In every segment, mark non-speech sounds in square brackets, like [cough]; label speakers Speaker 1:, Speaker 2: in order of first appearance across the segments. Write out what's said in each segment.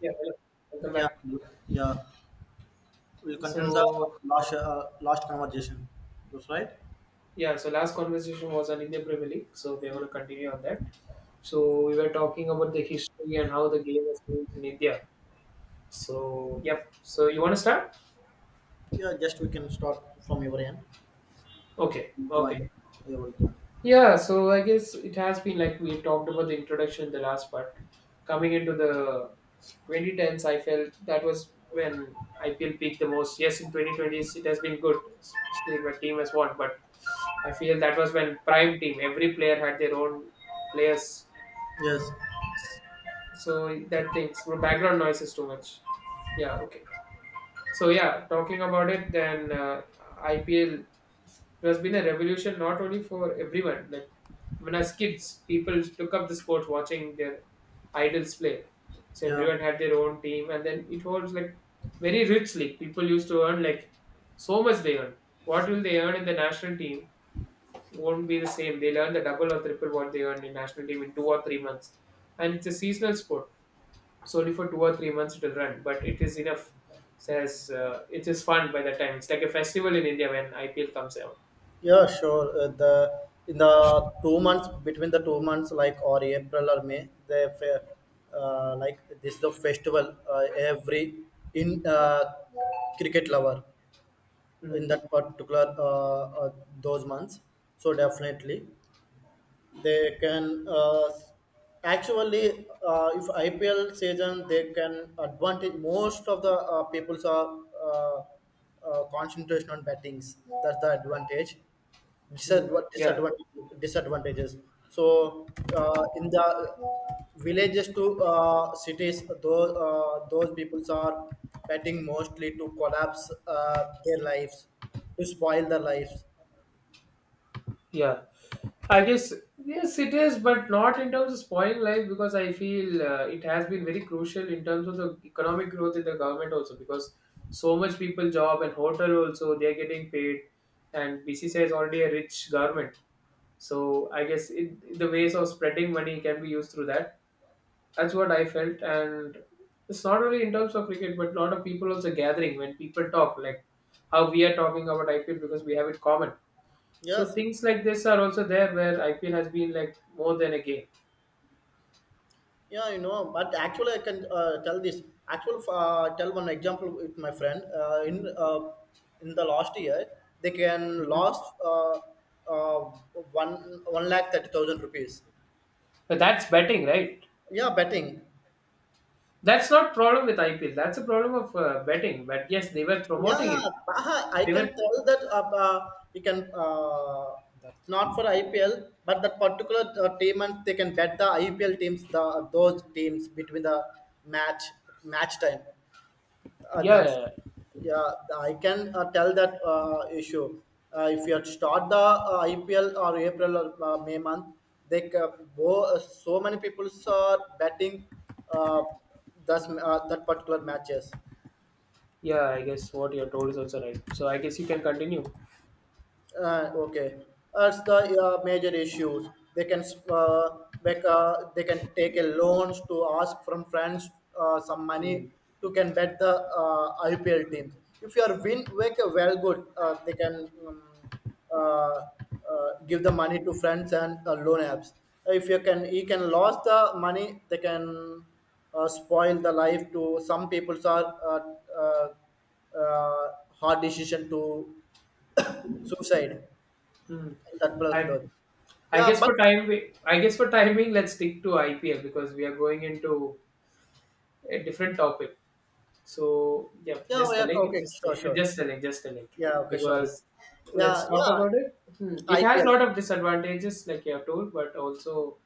Speaker 1: Yeah, well, welcome
Speaker 2: Yeah,
Speaker 1: back.
Speaker 2: yeah. We'll continue the
Speaker 1: So,
Speaker 2: last conversation. That's right.
Speaker 1: yeah, so last conversation was on Indian Premier League, so we're going
Speaker 2: Yeah,
Speaker 1: to continue on that. So, we were talking about the history and how the game has changed in India. So, yep. So, you want to start?
Speaker 2: yeah, just we can start from your end.
Speaker 1: Okay, okay.
Speaker 2: Join. Yeah, we'll join.
Speaker 1: Yeah, so I guess it has been like we talked about the introduction in the last part. Coming into the 2010s, I felt that was when IPL peaked the most. Yes, in 2020s, it has been good, especially if my team has won, but I feel that was when prime team, every player had their own players.
Speaker 2: Yes.
Speaker 1: So that things, so background noise is too much. Yeah, okay. So yeah, talking about it, then IPL there has been a revolution not only for everyone. Like when as kids, people took up the sport watching their idols play. So
Speaker 2: Yeah.
Speaker 1: everyone had their own team, and then it was like very rich league. People used to earn like so much they earn. What will they earn in the national team? Won't be the same. They'll earn the double or triple what they earned in national team in 2 or 3 months. And it's a seasonal sport. It's only for 2 or 3 months it will run, but it is enough. Says It is fun by that time. It's like a festival in India when IPL comes out.
Speaker 2: Yeah. Sure. The in the 2 months between the 2 months, like or April or May, like this is the festival every in cricket lover in
Speaker 1: Mm,
Speaker 2: that particular those months. So definitely, they can actually if IPL season they can advantage most of the people's are concentration on battings. That's the advantage. disadva-
Speaker 1: yeah.
Speaker 2: disadvan- disadvantages so in the villages to cities, those peoples are betting mostly to collapse their lives, to spoil their lives.
Speaker 1: Yeah, I guess yes, it is, but not in terms of spoiling life because I feel it has been very crucial in terms of the economic growth in the government also because so much people job and hotel also they are getting paid, and BCCI is already a rich government, so I guess it, the ways of spreading money can be used through that. That's what I felt, and it's not only in terms of cricket, but a lot of people also gathering when people talk like how we are talking about IPL because we have it common, so
Speaker 2: Yes.
Speaker 1: things like this are also there where IPL has been like more than a game.
Speaker 2: Yeah, you know, but actually, I can tell this. Actually, tell one example with my friend. In the last year, they can
Speaker 1: Mhm.
Speaker 2: lost uh, one lakh thirty thousand rupees.
Speaker 1: But that's betting, right?
Speaker 2: Yeah, betting.
Speaker 1: That's not problem with IPL. That's a problem of betting. But yes, they were promoting
Speaker 2: Yeah,
Speaker 1: it.
Speaker 2: Baha, I
Speaker 1: They
Speaker 2: can
Speaker 1: were,
Speaker 2: tell that you can. That's not for IPL, but that particular team, and they can bet the IPL teams, the those teams between the match match time. Uh,
Speaker 1: yeah,
Speaker 2: that's
Speaker 1: yeah,
Speaker 2: yeah. I can tell that issue. If you had start the IPL or April or May month, so many people are betting uh, thus that particular matches.
Speaker 1: yeah. I guess what you're told is also right. So I guess you can continue.
Speaker 2: Okay, that's the major issues. They can uh, they can take a loans to ask from friends some money
Speaker 1: Mm.
Speaker 2: to can bet the IPL teams. If you are win, make a well good. They can uh, uh, give the money to friends and loan apps. If you can, you can lose the money. They can spoil the life to some people's are uh, uh, hard decision to [coughs] suicide
Speaker 1: Hmm.
Speaker 2: in Tatpala
Speaker 1: And
Speaker 2: Lodge.
Speaker 1: I
Speaker 2: Yeah,
Speaker 1: guess
Speaker 2: but
Speaker 1: for time, I guess for timing, let's stick to IPL because we are going into a different topic. So yeah,
Speaker 2: yeah, oh,
Speaker 1: just
Speaker 2: yeah,
Speaker 1: telling it,
Speaker 2: okay,
Speaker 1: just
Speaker 2: sure,
Speaker 1: [laughs]
Speaker 2: sure.
Speaker 1: just telling, just telling.
Speaker 2: Yeah, okay, sorry.
Speaker 1: Because let's
Speaker 2: Yeah,
Speaker 1: talk
Speaker 2: yeah,
Speaker 1: about it. Hmm. It has a
Speaker 2: IPL.
Speaker 1: lot of disadvantages, like you have told, but also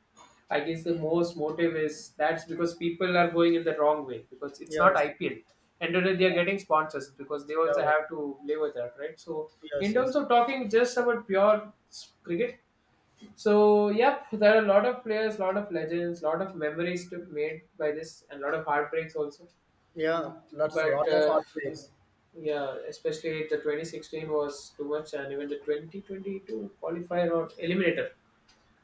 Speaker 1: I guess the most motive is that's because people are going in the wrong way because it's not
Speaker 2: Yes,
Speaker 1: IPL. And then they are getting sponsors because they
Speaker 2: yeah,
Speaker 1: also
Speaker 2: oh,
Speaker 1: have to live with that, right? So in
Speaker 2: yes, yes.
Speaker 1: terms of talking just about pure cricket, so yep, there are a lot of players, lot of legends, lot of memories to made by this, and a lot of heartbreaks also.
Speaker 2: Yeah, lots,
Speaker 1: But
Speaker 2: lot of heartbreaks.
Speaker 1: yeah, especially the 2016 was too much, and even the 2022 qualifier or eliminator,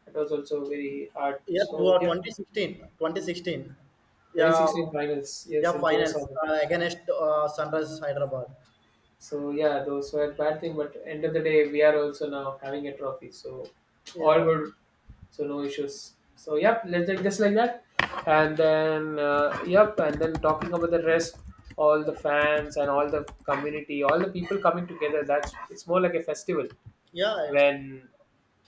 Speaker 1: that was also very hard.
Speaker 2: Yeah, two
Speaker 1: So,
Speaker 2: or
Speaker 1: yep,
Speaker 2: 2016, 2016. Yeah,
Speaker 1: 2016 finals, yes,
Speaker 2: yeah,
Speaker 1: in Genus
Speaker 2: finals
Speaker 1: Open.
Speaker 2: against Sunrise Hyderabad.
Speaker 1: So, yeah, those were bad thing, but end of the day, we are also now having a trophy. So, all
Speaker 2: Yeah,
Speaker 1: good. So, no issues. So, yep, let's take just like that. And then talking about the rest, all the fans and all the community, all the people coming together, that's it's more like a festival
Speaker 2: yeah, it's
Speaker 1: when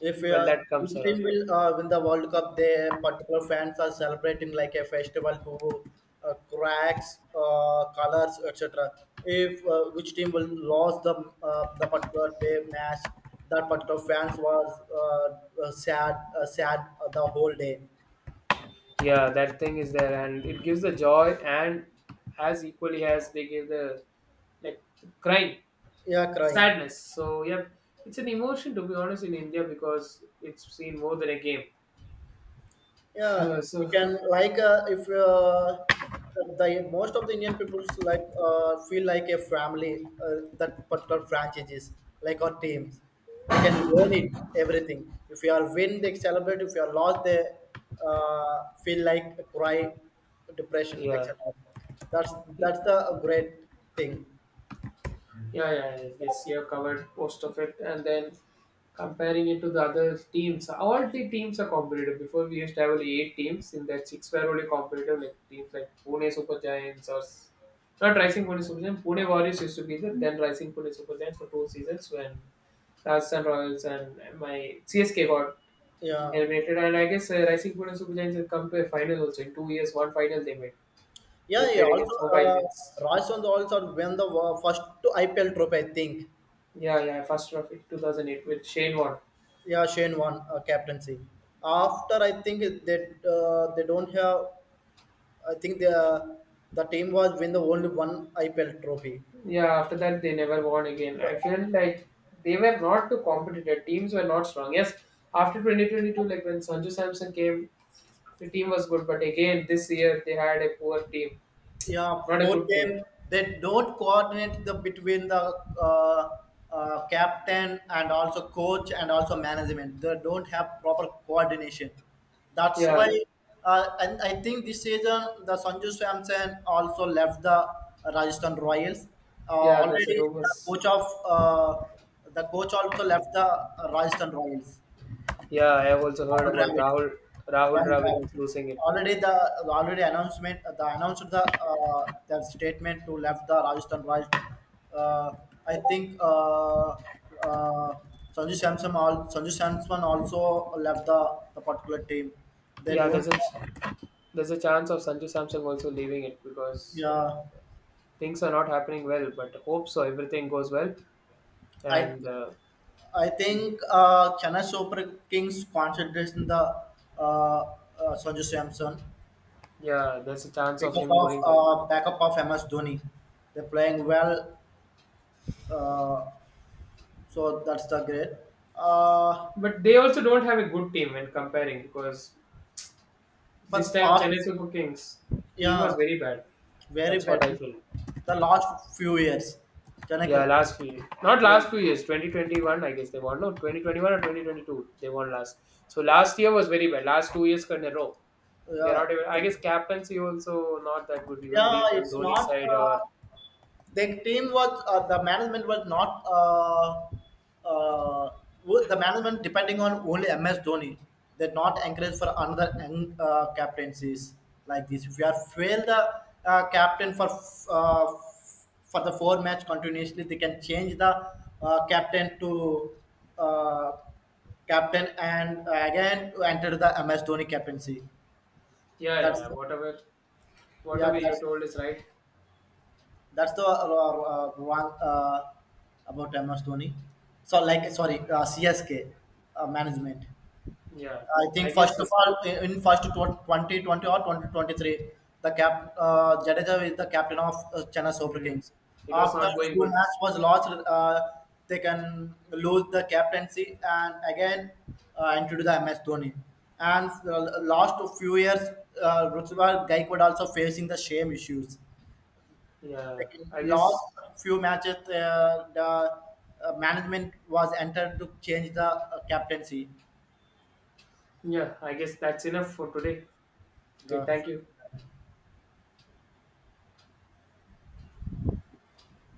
Speaker 2: if
Speaker 1: when that comes
Speaker 2: which team
Speaker 1: around.
Speaker 2: will win the World Cup, their particular fans are celebrating like a festival to cracks, colors, etc. If which team will lose the particular day match, that particular fans was sad the whole day.
Speaker 1: Yeah, that thing is there, and it gives the joy, and as equally as they give the like crying,
Speaker 2: Yeah, crying.
Speaker 1: sadness. So yeah, it's an emotion to be honest in India because it's seen more than a game.
Speaker 2: Yeah,
Speaker 1: [laughs]
Speaker 2: you
Speaker 1: so
Speaker 2: can like if the most of the Indian peoples like feel like a family that particular franchises, like our teams, they can own it everything. If you are win, they celebrate. If you are lost, they feel like cry, depression,
Speaker 1: yeah,
Speaker 2: etc. that's
Speaker 1: yeah,
Speaker 2: that's the great thing.
Speaker 1: yeah. I guess you have covered most of it, and then comparing it to the other teams, all the teams are competitive. Before we used to have only eight teams, in that six were only competitive, like teams like Pune Super Giants not Rising Pune Super Giants. Pune Warriors used to be there, then Rising Pune Super Giants for two seasons when Rajasthan Royals and my CSK got
Speaker 2: Yeah,
Speaker 1: eliminated. And I guess Rising Pune Super Giants had come to a final also in 2 years. One final they made. They
Speaker 2: yeah, yeah,
Speaker 1: played
Speaker 2: also
Speaker 1: against Mobile Indians.
Speaker 2: Rajasthan also won the first IPL trophy, I think.
Speaker 1: Yeah, yeah, first trophy 2008 with Shane Warne.
Speaker 2: Yeah, Shane won captaincy. After, I think that they don't have. I think the team was win the only one IPL trophy.
Speaker 1: Yeah, after that they never won again. I feel like they were not too competitive. Teams were not strong. Yes, after 2022, like when Sanju Samson came, the team was good. But again, this year they had a poor team,
Speaker 2: Yeah,
Speaker 1: not a
Speaker 2: for
Speaker 1: good team.
Speaker 2: them, they don't coordinate the between the uh, captain and also coach and also management. They don't have proper coordination. That's why,
Speaker 1: Yeah,
Speaker 2: and I think this season, the Sanju Samson also left the Rajasthan Royals.
Speaker 1: yeah, there's a
Speaker 2: Already, the
Speaker 1: rumors.
Speaker 2: coach of the coach also left the Rajasthan Royals,
Speaker 1: Yeah, I have also heard
Speaker 2: Paul
Speaker 1: about
Speaker 2: Dravid
Speaker 1: Rahul, Rahul
Speaker 2: wrong driver.
Speaker 1: Dravid losing it.
Speaker 2: Already the already announcement, the announced the their statement to left the Rajasthan Royals. Uh, I think uh, Sanju Samson also left the particular team. They
Speaker 1: Yeah,
Speaker 2: don't.
Speaker 1: there's a chance of Sanju Samson also leaving it because
Speaker 2: Yeah,
Speaker 1: things are not happening well. But hope so, everything goes well,
Speaker 2: I
Speaker 1: and
Speaker 2: I think Chennai Super Kings concentration the uh, uh, Sanju Samson
Speaker 1: yeah, there's a chance of
Speaker 2: because
Speaker 1: him going there.
Speaker 2: of backup of MS Dhoni. They're playing well. Uh, So that's the great. Uh,
Speaker 1: But they also don't have a good team when comparing because this
Speaker 2: but
Speaker 1: time Chennai
Speaker 2: past,
Speaker 1: Super Kings team
Speaker 2: yeah,
Speaker 1: was very bad.
Speaker 2: very
Speaker 1: That's
Speaker 2: bad.
Speaker 1: what I feel.
Speaker 2: The last few years, Janaka,
Speaker 1: Yeah, last few years. Not
Speaker 2: yeah,
Speaker 1: last few years, 2021, I guess they won. No, 2021 or 2022, they won last. So last year was very bad. Last 2 years in a row. They're not
Speaker 2: yeah,
Speaker 1: even, I guess captaincy also not that good, even
Speaker 2: yeah.
Speaker 1: being on
Speaker 2: It's
Speaker 1: Dhoni's
Speaker 2: not.
Speaker 1: side or,
Speaker 2: The team was the management was not uh, the management depending on only MS Dhoni. They're not encouraged for another captaincies like this. If you are fail the captain uh, for the 4 match continuously, they can change the captain to uh, captain and again to enter the MS Dhoni captaincy.
Speaker 1: yeah,
Speaker 2: That's
Speaker 1: whatever
Speaker 2: yeah,
Speaker 1: you told is right.
Speaker 2: that's the wrong about MS Dhoni. So like sorry, CSK management.
Speaker 1: Yeah,
Speaker 2: I
Speaker 1: I
Speaker 2: think first
Speaker 1: guess
Speaker 2: of all in first 2020 or 2023, the cap Jadeja is the captain of Chennai Super
Speaker 1: mm,
Speaker 2: Kings.
Speaker 1: it was
Speaker 2: After
Speaker 1: not going
Speaker 2: few
Speaker 1: good.
Speaker 2: match was lost, they can lose the captaincy and again enter to the MS Dhoni. And last few years, Rutuba Gaikwad also facing the same issues. They
Speaker 1: Yeah, I guess,
Speaker 2: lost a few matches. The management was entered to change the captaincy.
Speaker 1: yeah, I guess that's enough for today. Okay,
Speaker 2: The
Speaker 1: thank you.